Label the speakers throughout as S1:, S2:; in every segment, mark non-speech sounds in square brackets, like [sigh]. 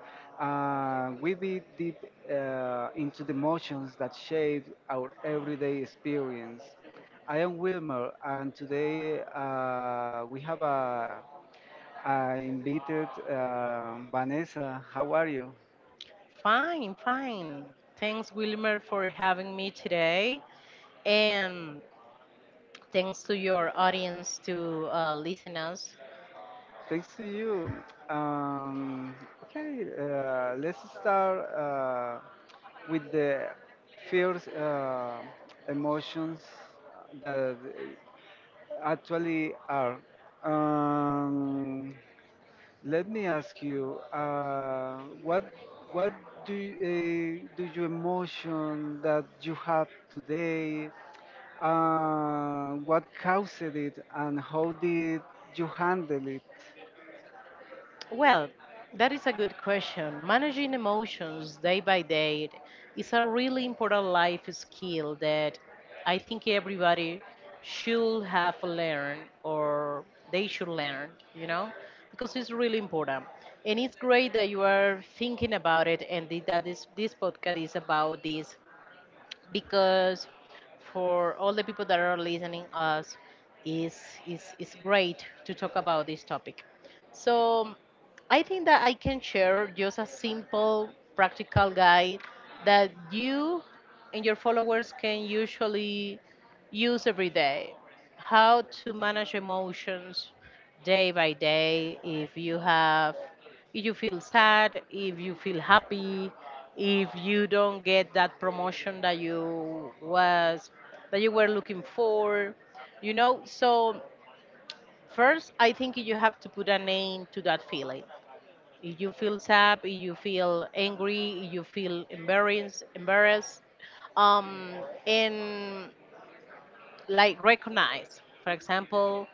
S1: We be deep into the emotions that shape our everyday experience. I am Wilmer, and today we have a invited Vanessa. How are you?
S2: Fine, fine. Thanks, Wilmer, for having me today. And thanks to your audience to listen us.
S1: Thanks to you. Um, okay, let's start with the first emotions that actually are. Um, Let me ask you, what what do you emotion that you have today? What caused it, and how did you handle it?
S2: Well, that is a good question. Managing emotions day by day is a really important life skill that I think everybody should have learned or they should learn, you know, because it's really important. And it's great that you are thinking about it and that this podcast is about this because for all the people that are listening us is great to talk about this topic. So I think that I can share just a simple practical guide that you and your followers can usually use every day how to manage emotions day by day if you have if you feel sad, if you feel happy, if you don't get that promotion that you was that you were looking for, you know. So first, I think you have to put a name to that feeling. If you feel sad, if you feel angry, if you feel embarrassed, um, and like recognize. For example,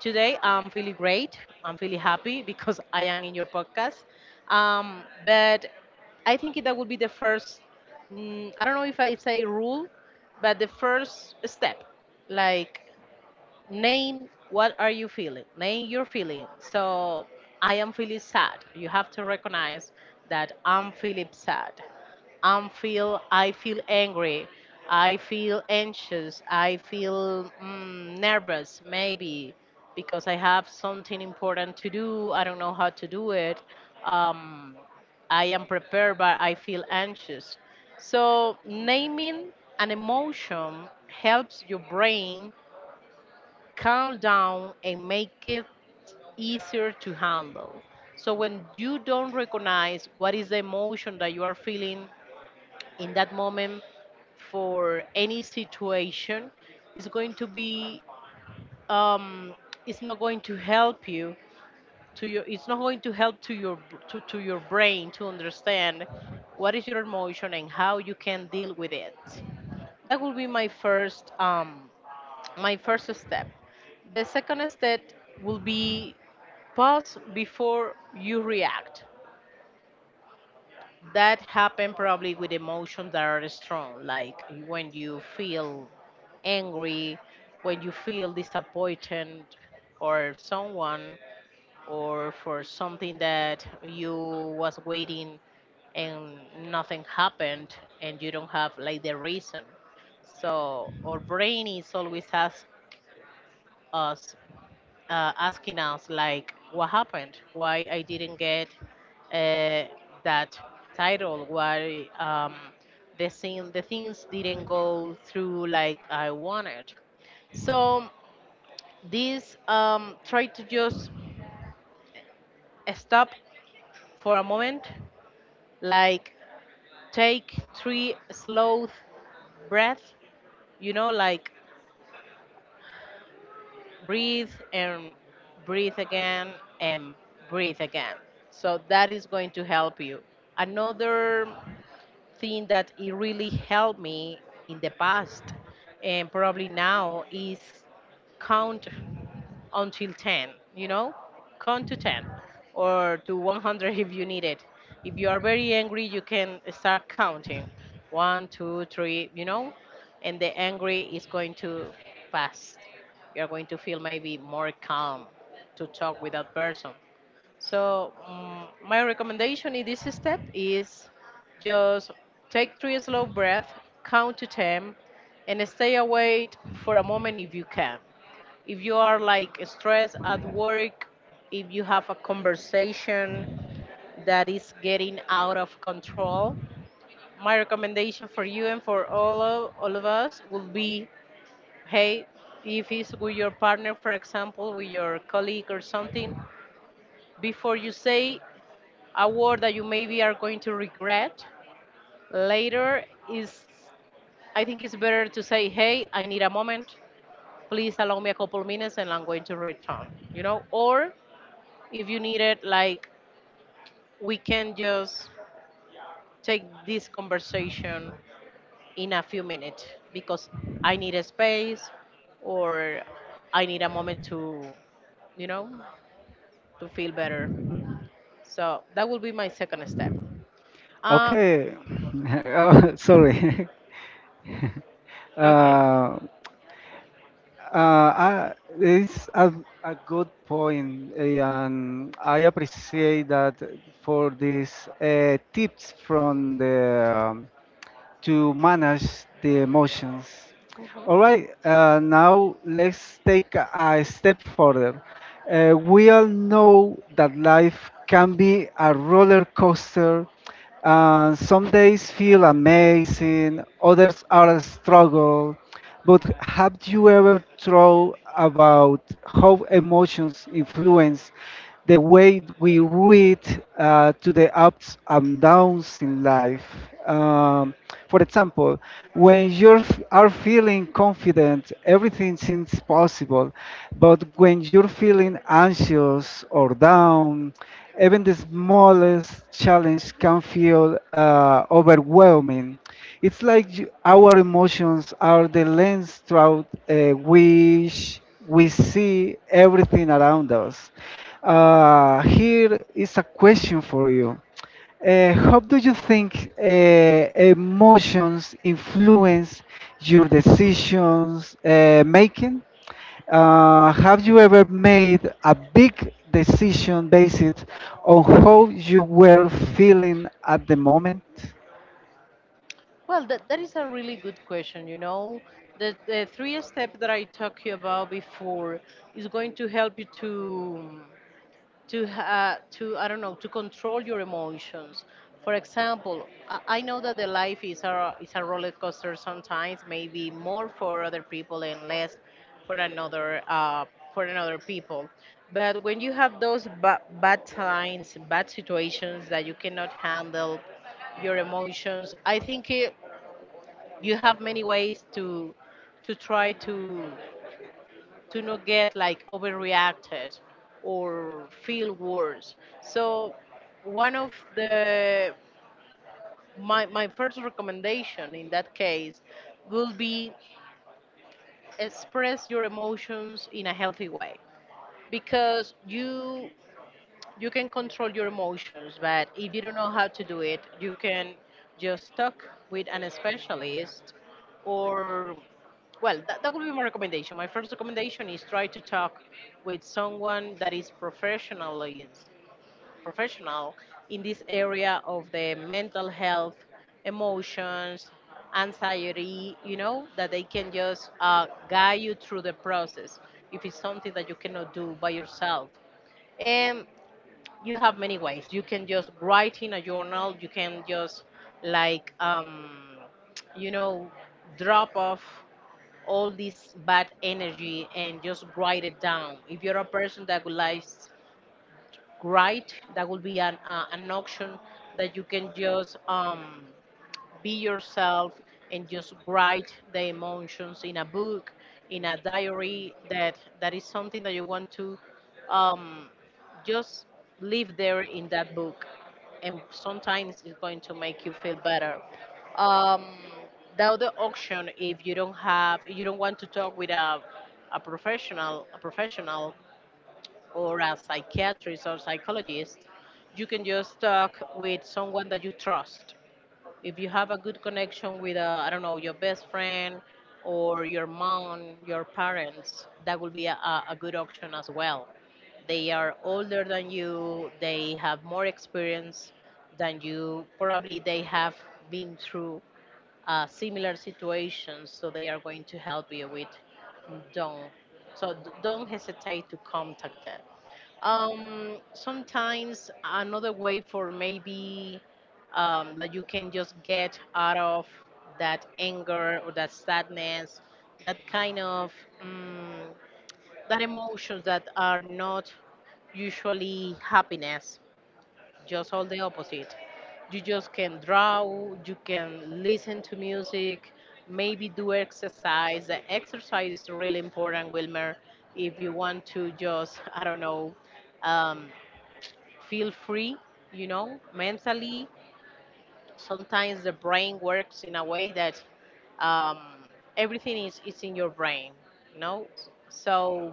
S2: today, I'm feeling great. I'm feeling happy because [laughs] I am in your podcast. But I think that would be the first, I don't know if I say rule, but the first step. Like, name what are you feeling, name your feeling. So I am feeling sad, you have to recognize that I'm feeling sad. I feel angry, I feel anxious, I feel nervous maybe because I have something important to do, I don't know how to do it. um, I am prepared but I feel anxious. So naming an emotion helps your brain calm down and make it easier to handle. So when you don't recognize what is the emotion that you are feeling in that moment for any situation, it's going to be um, it's not going to help you to your, it's not going to help to your brain to understand what is your emotion and how you can deal with it. That will be my first step. The second step will be pause before you react. That happen probably with emotions that are strong, like when you feel angry, when you feel disappointed or someone or for something that you was waiting and nothing happened and you don't have like the reason. So our brain is always us asking us like what happened, why I didn't get uh, that title, why the things didn't go through like I wanted. So this, try to just stop for a moment, like take three slow breath, you know, like breathe and breathe again and breathe again. So that is going to help you. Another thing that it really helped me in the past and probably now is count until 10, you know, count to 10 or to 100 if you need it. If you are very angry you can start counting 1, 2, 3, you know, and the angry is going to pass, you're going to feel maybe more calm to talk with that person. So my recommendation in this step is just take three slow breaths, count to 10, and stay awake for a moment if you can. If you are like stressed at work, if you have a conversation that is getting out of control, my recommendation for you and for all of us would be, hey, if it's with your partner, for example, with your colleague or something, before you say a word that you maybe are going to regret later, is I think it's better to say, hey, I need a moment. Please allow me a couple minutes and I'm going to return, you know, or if you need it, like, we can just take this conversation in a few minutes because I need a space or I need a moment to, you know, to feel better. So that will be my second step. uh,
S1: Okay. [laughs] Oh, sorry. [laughs]
S2: okay.
S1: Uh, uh, I, it's a good point, eh, and I appreciate that for these tips from the um, to manage the emotions. All
S2: Mhm.
S1: right, now let's take a step further. We all know that life can be a roller coaster, and some days feel amazing, others are a struggle. But have you ever thought about how emotions influence the way we read to the ups and downs in life? Um, for example, when you are feeling confident, everything seems possible. But when you're feeling anxious or down, even the smallest challenge can feel overwhelming. It's like our emotions are the lens through which we see everything around us. Here is a question for you. How do you think emotions influence your decisions making? Have you ever made a big decision based on how you were feeling at the moment?
S2: Well, that is a really good question, you know, the three step that I talked you about before is going to help you to I don't know, to control your emotions. For example, I know that the life is a roller coaster sometimes, maybe more for other people and less for another, for another people. But when you have those bad times, bad situations that you cannot handle your emotions, I think it, you have many ways to try to not get like overreacted or feel worse. So one of the my first recommendation in that case would be express your emotions in a healthy way because you can control your emotions but if you don't know how to do it you can just talk with an specialist or, well, that would be my recommendation. My first recommendation is try to talk with someone that is professional in this area of the mental health, emotions, anxiety. You know that they can just guide you through the process if it's something that you cannot do by yourself. And you have many ways. You can just write in a journal. You can just like you know, drop off all this bad energy and just grind it down. If you're a person that would likes grind, that will be an option that you can just, be yourself and just write the emotions in a book, in a diary. That that is something that you want to. Um, just live there in that book and sometimes it's going to make you feel better. um, the other option, if you don't want to talk with a, a professional or a psychiatrist or psychologist, you can just talk with someone that you trust. If you have a good connection with, I don't know, your best friend or your mom, your parents, that will be a good option as well. They are older than you, they have more experience than you, probably they have been through similar situations, so they are going to help you with. Don't so d- Don't hesitate to contact them. Sometimes another way for maybe that you can just get out of that anger or that sadness, that kind of um, that emotions that are not usually happiness, just all the opposite. You just can draw, you can listen to music, maybe do exercise. The exercise is really important, Wilmer, if you want to just, [laughs] I don't know, um, feel free, you know, mentally. Sometimes the brain works in a way that, um, everything is in your brain, you know. So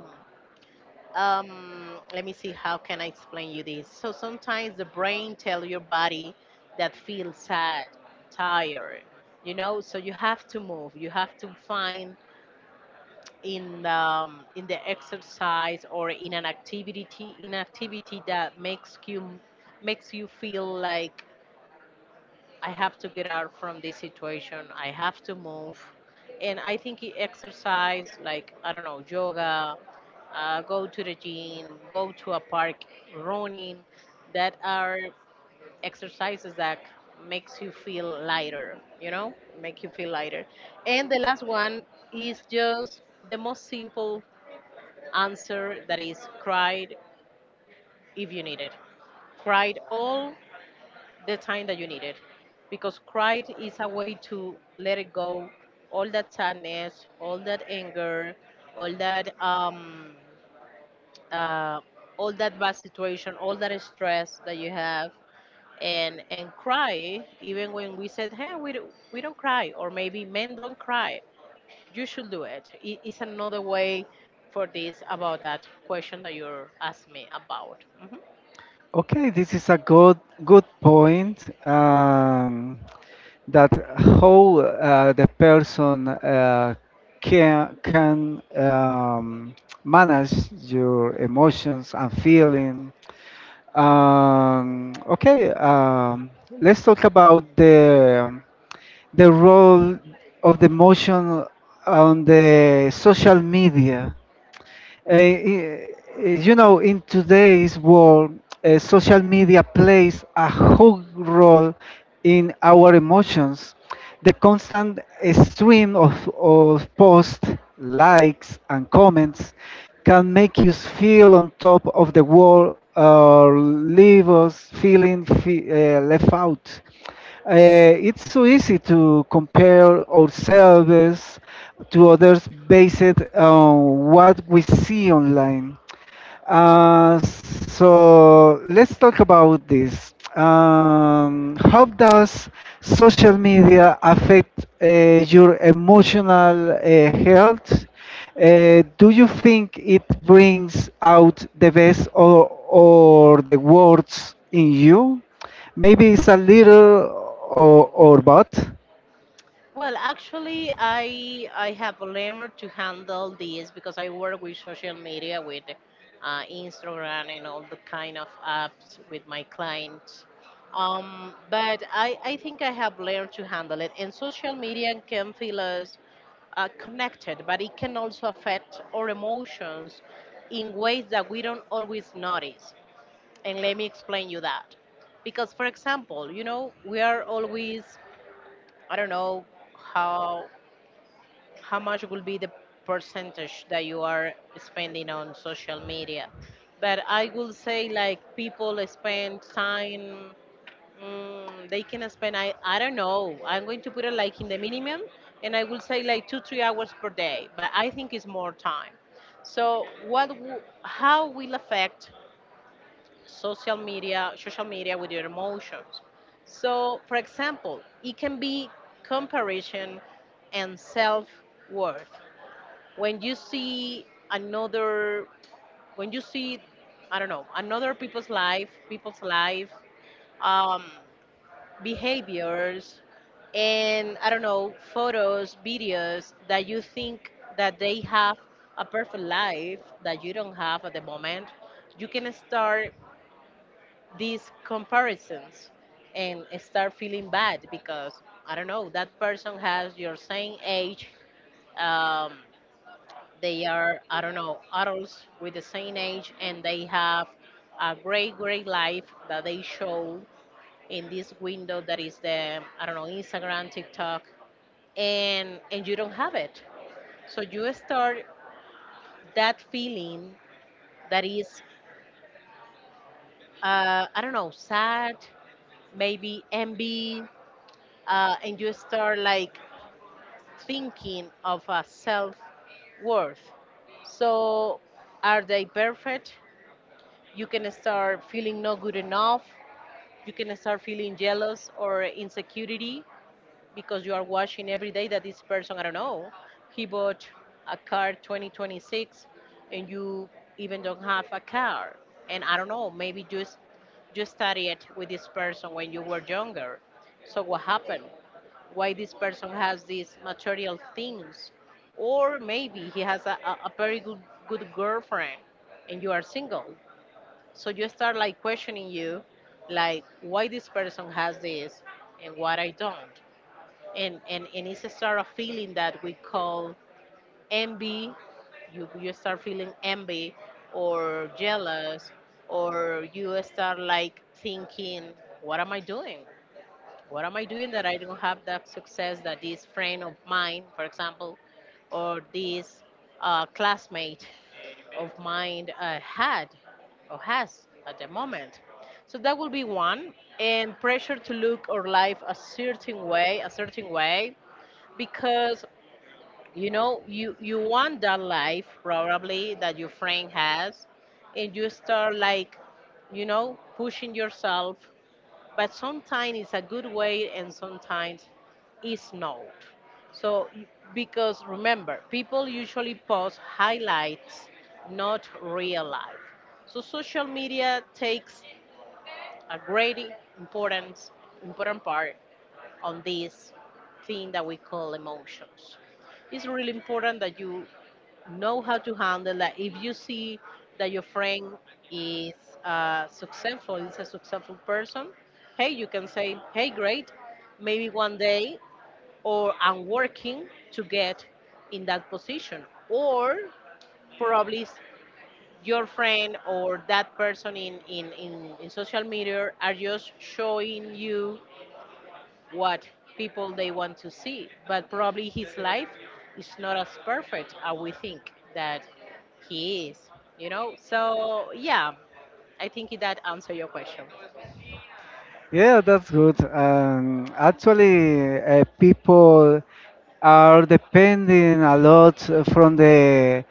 S2: let me see how can I explain you this. So sometimes the brain tell your body that feel sad, tired, you know. So you have to move. You have to find in the exercise or in an activity, in activity that makes you feel like I have to get out from this situation. I have to move. And I think exercise, like, I don't know, yoga, go to the gym, go to a park, running, that are exercises that makes you feel lighter, you know, make you feel lighter. And the last one is just the most simple answer, that is cried if you need it. Cried all the time that you needed because pride is a way to let it go, all that sadness, all that anger, all that um uh all that bad situation, all that stress that you have. And cry, even when we said, hey, we don't cry, or maybe men don't cry, you should do it. It is another way for this about that question that you're asking me about.
S1: Okay, this is a good point. That how the person can manage your emotions and feeling. Okay, let's talk about the role of the emotion on the social media. Uh, i- you know, in today's world, social media plays a huge role in our emotions. The constant stream of posts, likes, and comments can make you feel on top of the world or leave us feeling left out. It's so easy to compare ourselves to others based on what we see online. So let's talk about this. How does social media affect your emotional health? Do you think it brings out the best or the worst in you? Maybe it's a little or both.
S2: Well, actually, I have learned to handle this because I work with social media, with Instagram and all the kind of apps with my clients. But I think I have learned to handle it. And social media can feel us connected, but it can also affect our emotions in ways that we don't always notice. And let me explain you that. Because, for example, we are always, I don't know how how much will be the percentage that you are spending on social media, but I will say like people spend time. They can spend, I don't know, I'm going to put it like in the minimum, and I will say like 2 3 hours per day, but I think it's more time. So what how will affect social media, social media with your emotions? So, for example, it can be comparison and self worth. When you see another, when you see I don't know, another people's life, people's life. um, Behaviors and, I don't know, photos, videos that you think that they have a perfect life that you don't have at the moment. You can start these comparisons and start feeling bad because, I don't know, that person has your same age. um, they are, I don't know, adults with the same age, and they have a great, great life that they show in this window that is the, I don't know, Instagram, TikTok, and you don't have it. So you start that feeling that is, I don't know, sad, maybe envy, and you start like thinking of a self worth. So, are they perfect? You can start feeling not good enough. You can start feeling jealous or insecurity because you are watching every day that this person, I don't know, he bought a car 2026, and you even don't have a car. And I don't know, maybe just you studied with this person when you were younger. So what happened? Why this person has these material things? Or maybe he has a, a very good girlfriend and you are single. So you start like questioning you, like why this person has this and what I don't. And it's a sort of feeling that we call envy. You start feeling envy or jealous, or you start like thinking, what am I doing? What am I doing that I don't have that success that this friend of mine, for example, or this classmate of mine had or has at the moment? So that will be one. And pressure to look or life a certain way, because you know you want that life probably that your friend has, and you start like, you know, pushing yourself. But sometimes it's a good way, and sometimes it's not. So, y- because remember, people usually post highlights, not real life. So, social media takes a great important part on this thing that we call emotions. It's really important that you know how to handle that. If you see that your friend is successful, is a successful person, hey, you can say, hey, great, maybe one day, or I'm working to get in that position, or probably s- your friend or that person in, in social media are just showing you what people they want to see. But probably his life is not as perfect as we think that he is, you know? So, yeah, I think that answer your question.
S1: Yeah, that's good. Actually, people are depending a lot from the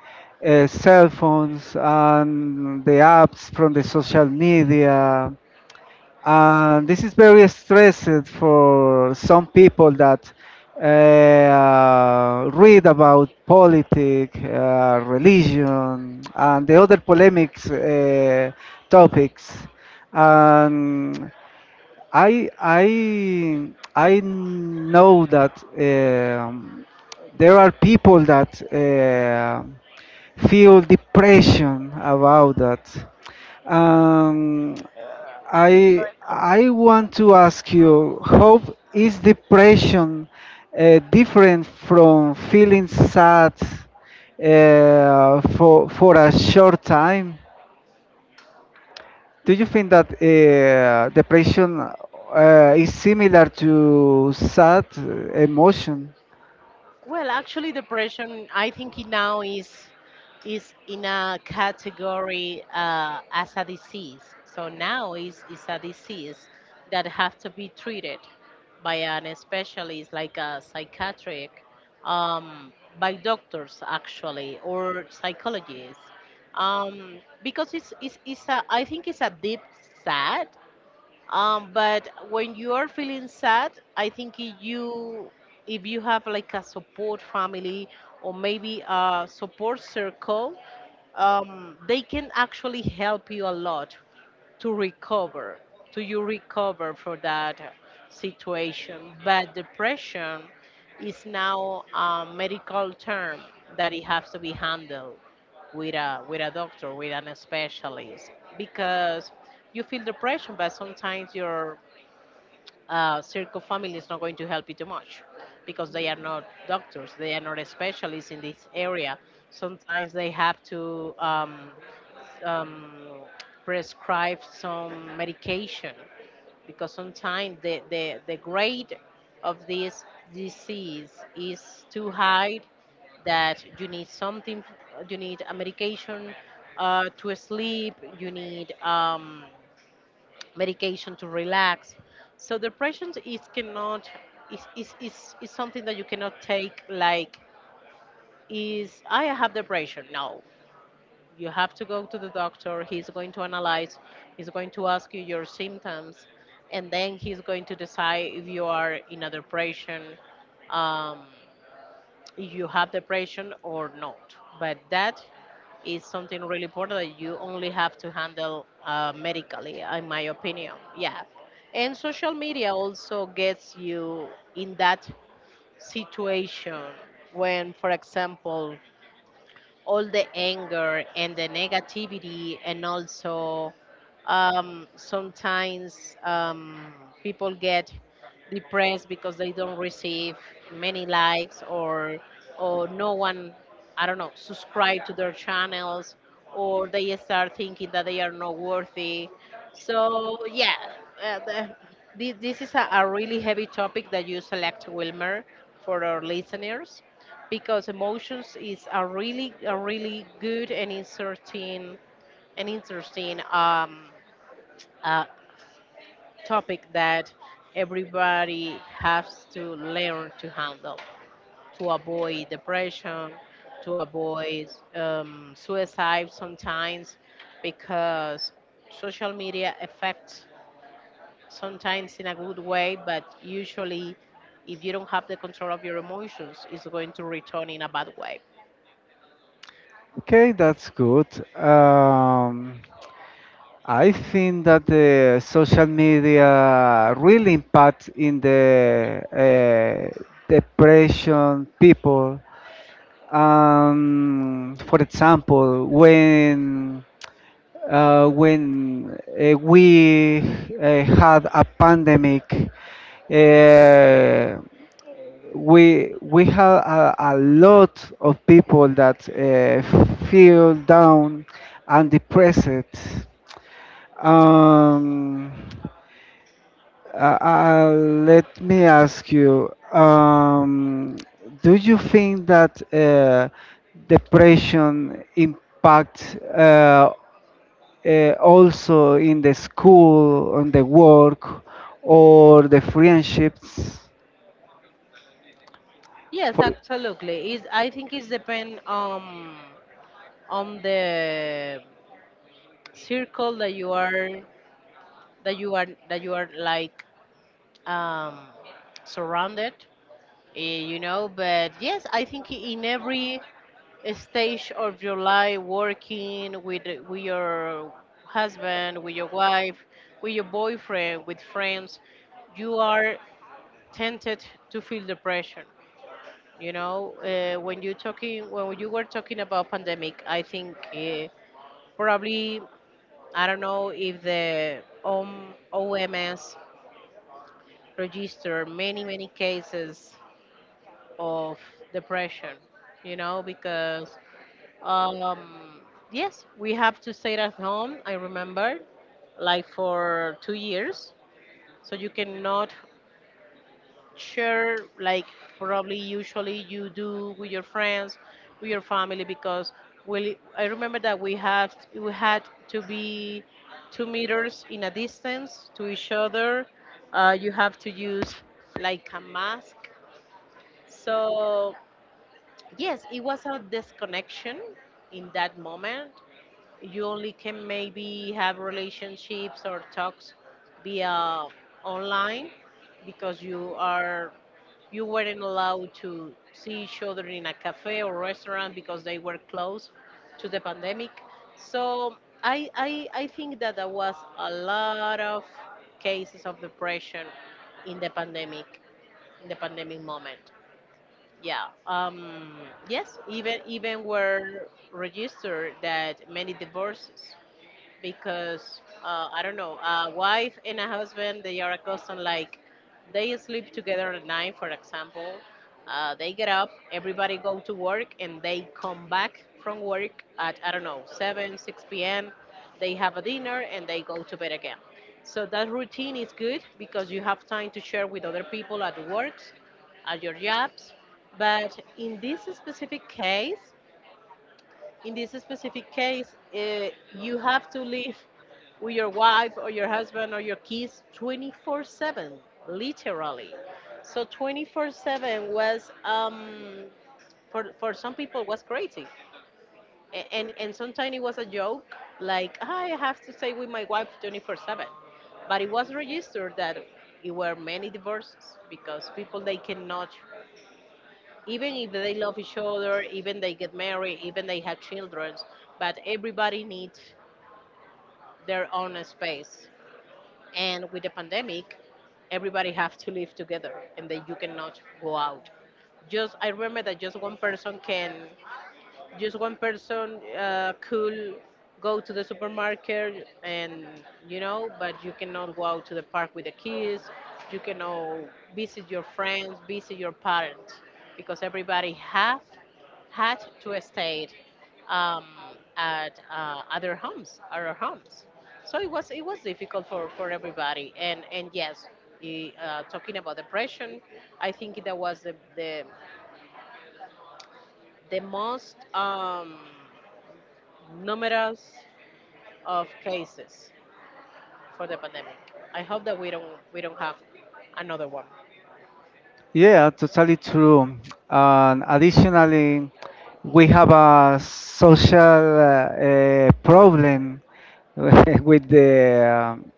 S1: cell phones and the apps from the social media, and this is very stressed for some people that read about politics, religion, and the other polemics topics. And. I know that there are people that feel depression about that. Um,
S2: It's
S1: I
S2: very common.
S1: I want to ask you, how is depression different from feeling sad for a short time? Do you think that depression is similar to sad emotion?
S2: Well, actually, depression, I think it now is in a category as a disease. So now is a disease that have to be treated by an specialist, like a psychiatric, um, by doctors actually, or psychologists, because it's a, I think it's a deep sad. But when you are feeling sad, I think if you have like a support family, or maybe a support circle, they can actually help you a lot to recover, to you recover for that situation. But depression is now a medical term that it has to be handled with a doctor, with an specialist, because you feel depression, but sometimes your circle family is not going to help you too much because they are not doctors, they are not specialists in this area. Sometimes they have to um, prescribe some medication, because sometimes the, the grade of this disease is too high that you need something, you need a medication to sleep, you need. Medication to relax. So depression is cannot is something that you cannot take like is I have depression. No. You have to go to the doctor, he's going to analyze, he's going to ask you your symptoms, and then he's going to decide if you are in a depression. Um, if you have depression or not. But that is something really important that you only have to handle medically, in my opinion. Yeah. And social media also gets you in that situation when, for example, all the anger and the negativity, and also sometimes people get depressed because they don't receive many likes, or no one, I don't know, subscribe to their channels, or they start thinking that they are not worthy. So yeah, uh, the, this is a really heavy topic that you select, Wilmer, for our listeners, because emotions is a really, a really good and interesting, an interesting uh, topic that everybody has to learn to handle, to avoid depression, to avoid suicide sometimes, because social media affects sometimes in a good way, but usually if you don't have the control of your emotions, it's going to return in a bad way.
S1: Okay, that's good. Um, I think that the social media really impact in the uh, depression people. For example, when we had a pandemic, uh, we had a lot of people that feel down and depressed. Um, let me ask you, do you think that depression impacts also in the school, on the work, or the friendships.
S2: Yes,
S1: For,
S2: absolutely. Is I think it's depend on the circle that you are, that you are like um surrounded, you know. But yes, I think in every stage of your life, working with your husband, with your wife, with your boyfriend, with friends, you are tempted to feel depression. You know, when you were talking about pandemic, I think probably I don't know if the OM, OMS registered many cases of depression. You know, because um, yes, we have to stay at home. I remember, like for 2 years, so you cannot share like probably usually you do with your friends, with your family, because we I remember that we have we had to be 2 meters in a distance to each other. You have to use like a mask. So yes, it was a disconnection in that moment. You only can maybe have relationships or talks via online, because you weren't allowed to see each other in a cafe or restaurant because they were closed to the pandemic. So I think that there was a lot of cases of depression in the pandemic, in the pandemic moment. Yeah. Yes, even were registered that many divorces, because I don't know, a wife and a husband, they are accustomed like they sleep together at night, for example. They get up, everybody go to work, and they come back from work at, I don't know, 7, 6 p.m. They have a dinner and they go to bed again. So that routine is good because you have time to share with other people at works, at your jobs. But in this specific case, in this specific case, uh, you have to live with your wife or your husband or your kids 24/7, literally. So 24/7 was, for, some people, was crazy. And sometimes it was a joke, like, I have to stay with my wife 24/7. But it was registered that it were many divorces because people, they cannot, even if they love each other, even they get married, even they have children, but everybody needs their own space. And with the pandemic, everybody have to live together, and that you cannot go out. Just I remember that just one person can just one person could go to the supermarket. And you know, but you cannot go out to the park with the kids, you cannot visit your friends, visit your parents, because everybody have had to stay um, at other homes our homes. So it was, difficult for everybody. And yes, talking about depression, I think that was the most numerous of cases for the pandemic. I hope that we don't, have another one.
S1: yeah, totally true. And additionally, we have a social problem [laughs] with the um,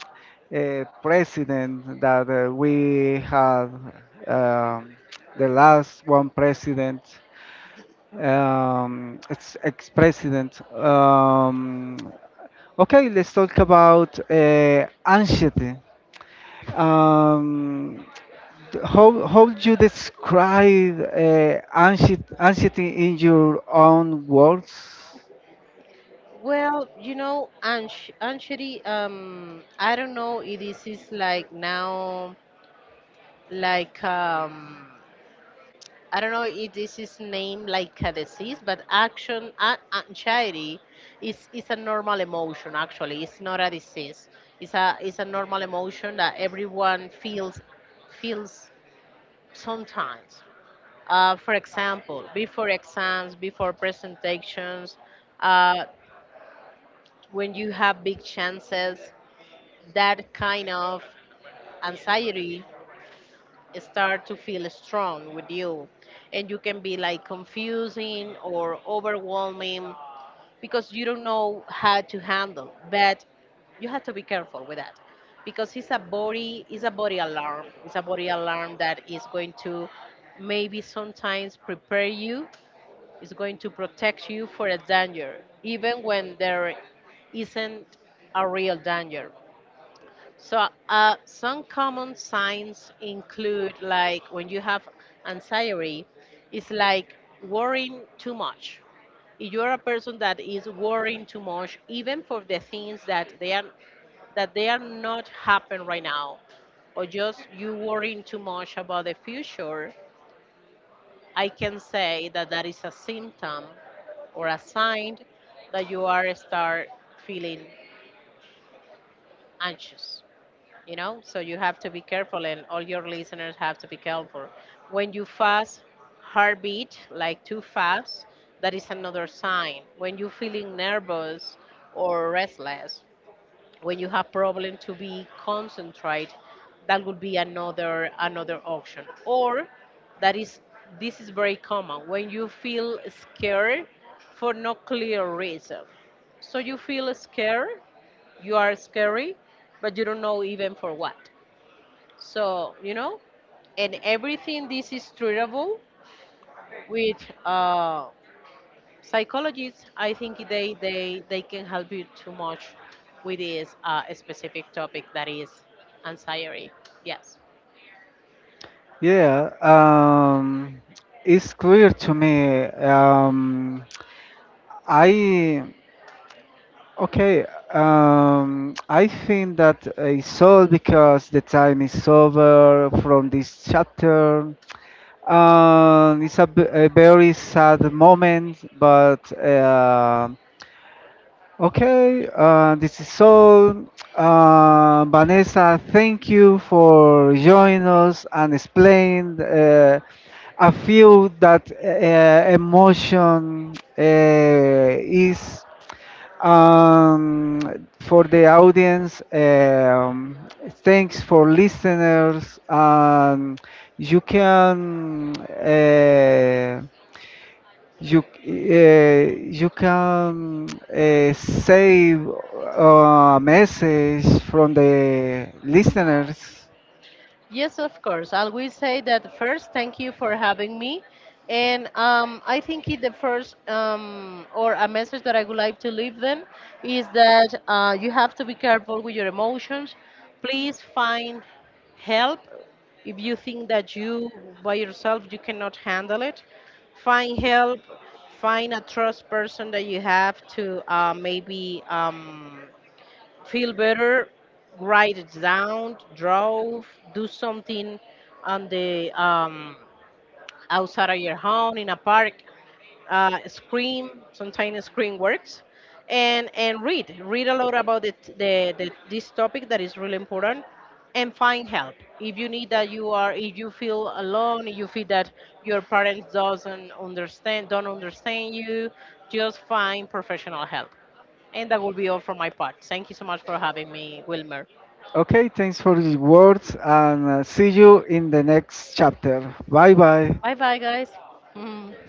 S1: uh, president that we had, um, the last one president. Ex-president. Okay, let's talk about anxiety. Um, how would you describe anxiety in your own words?
S2: Well, you know, anxiety. I don't know if this is like now, like I don't know if this is named like a disease, but anxiety is a normal emotion. Actually, it's not a disease. It's a, it's a normal emotion that everyone feels sometimes. For example, before exams, before presentations, uh, when you have big chances, that kind of anxiety start to feel strong with you, and you can be like confusing or overwhelming because you don't know how to handle. But you have to be careful with that, because it's a body alarm, it's a body alarm that is going to maybe sometimes prepare you, is going to protect you for a danger, even when there isn't a real danger. So, some common signs include like when you have anxiety, it's like worrying too much. If you're a person that is worrying too much, even for the things that they are, not happening right now, or just you worrying too much about the future, I can say that that is a symptom or a sign that you are start feeling anxious. You know, so you have to be careful, and all your listeners have to be careful. When you fast, heartbeat like too fast, that is another sign. When you're feeling nervous or restless, when you have problem to be concentrate, that would be another, option. Or that is, this is very common when you feel scared for no clear reason, so you feel scared, you are scary, but you don't know even for what. So you know, and everything this is treatable with uh, psychologists. I think they can help you too much with this specific topic that is anxiety, yes.
S1: Yeah, it's clear to me. I Okay, I think that it's all because the time is over from this chapter. It's a very sad moment, but okay, this is all. Vanessa, thank you for joining us and explain I feel that emotion is um, for the audience, thanks for listeners. You can you can save a message from the listeners.
S2: Yes, of course. I will say that first, thank you for having me. And I think the first or a message that I would like to leave them is that you have to be careful with your emotions. Please find help if you think that you by yourself you cannot handle it. Find help. Find a trust person that you have to, maybe feel better, write it down, draw, do something on the outside of your home, in a park. Scream, sometimes scream works, and read, read a lot about the this topic that is really important, and find help if you need that. You are, if you feel alone, if you feel that your parents doesn't understand, don't understand you, just find professional help. And that will be all from my part. Thank you so much for having me, Wilmer.
S1: Okay, thanks for the words and see you in the next chapter. Bye bye.
S2: Bye bye, guys. [laughs]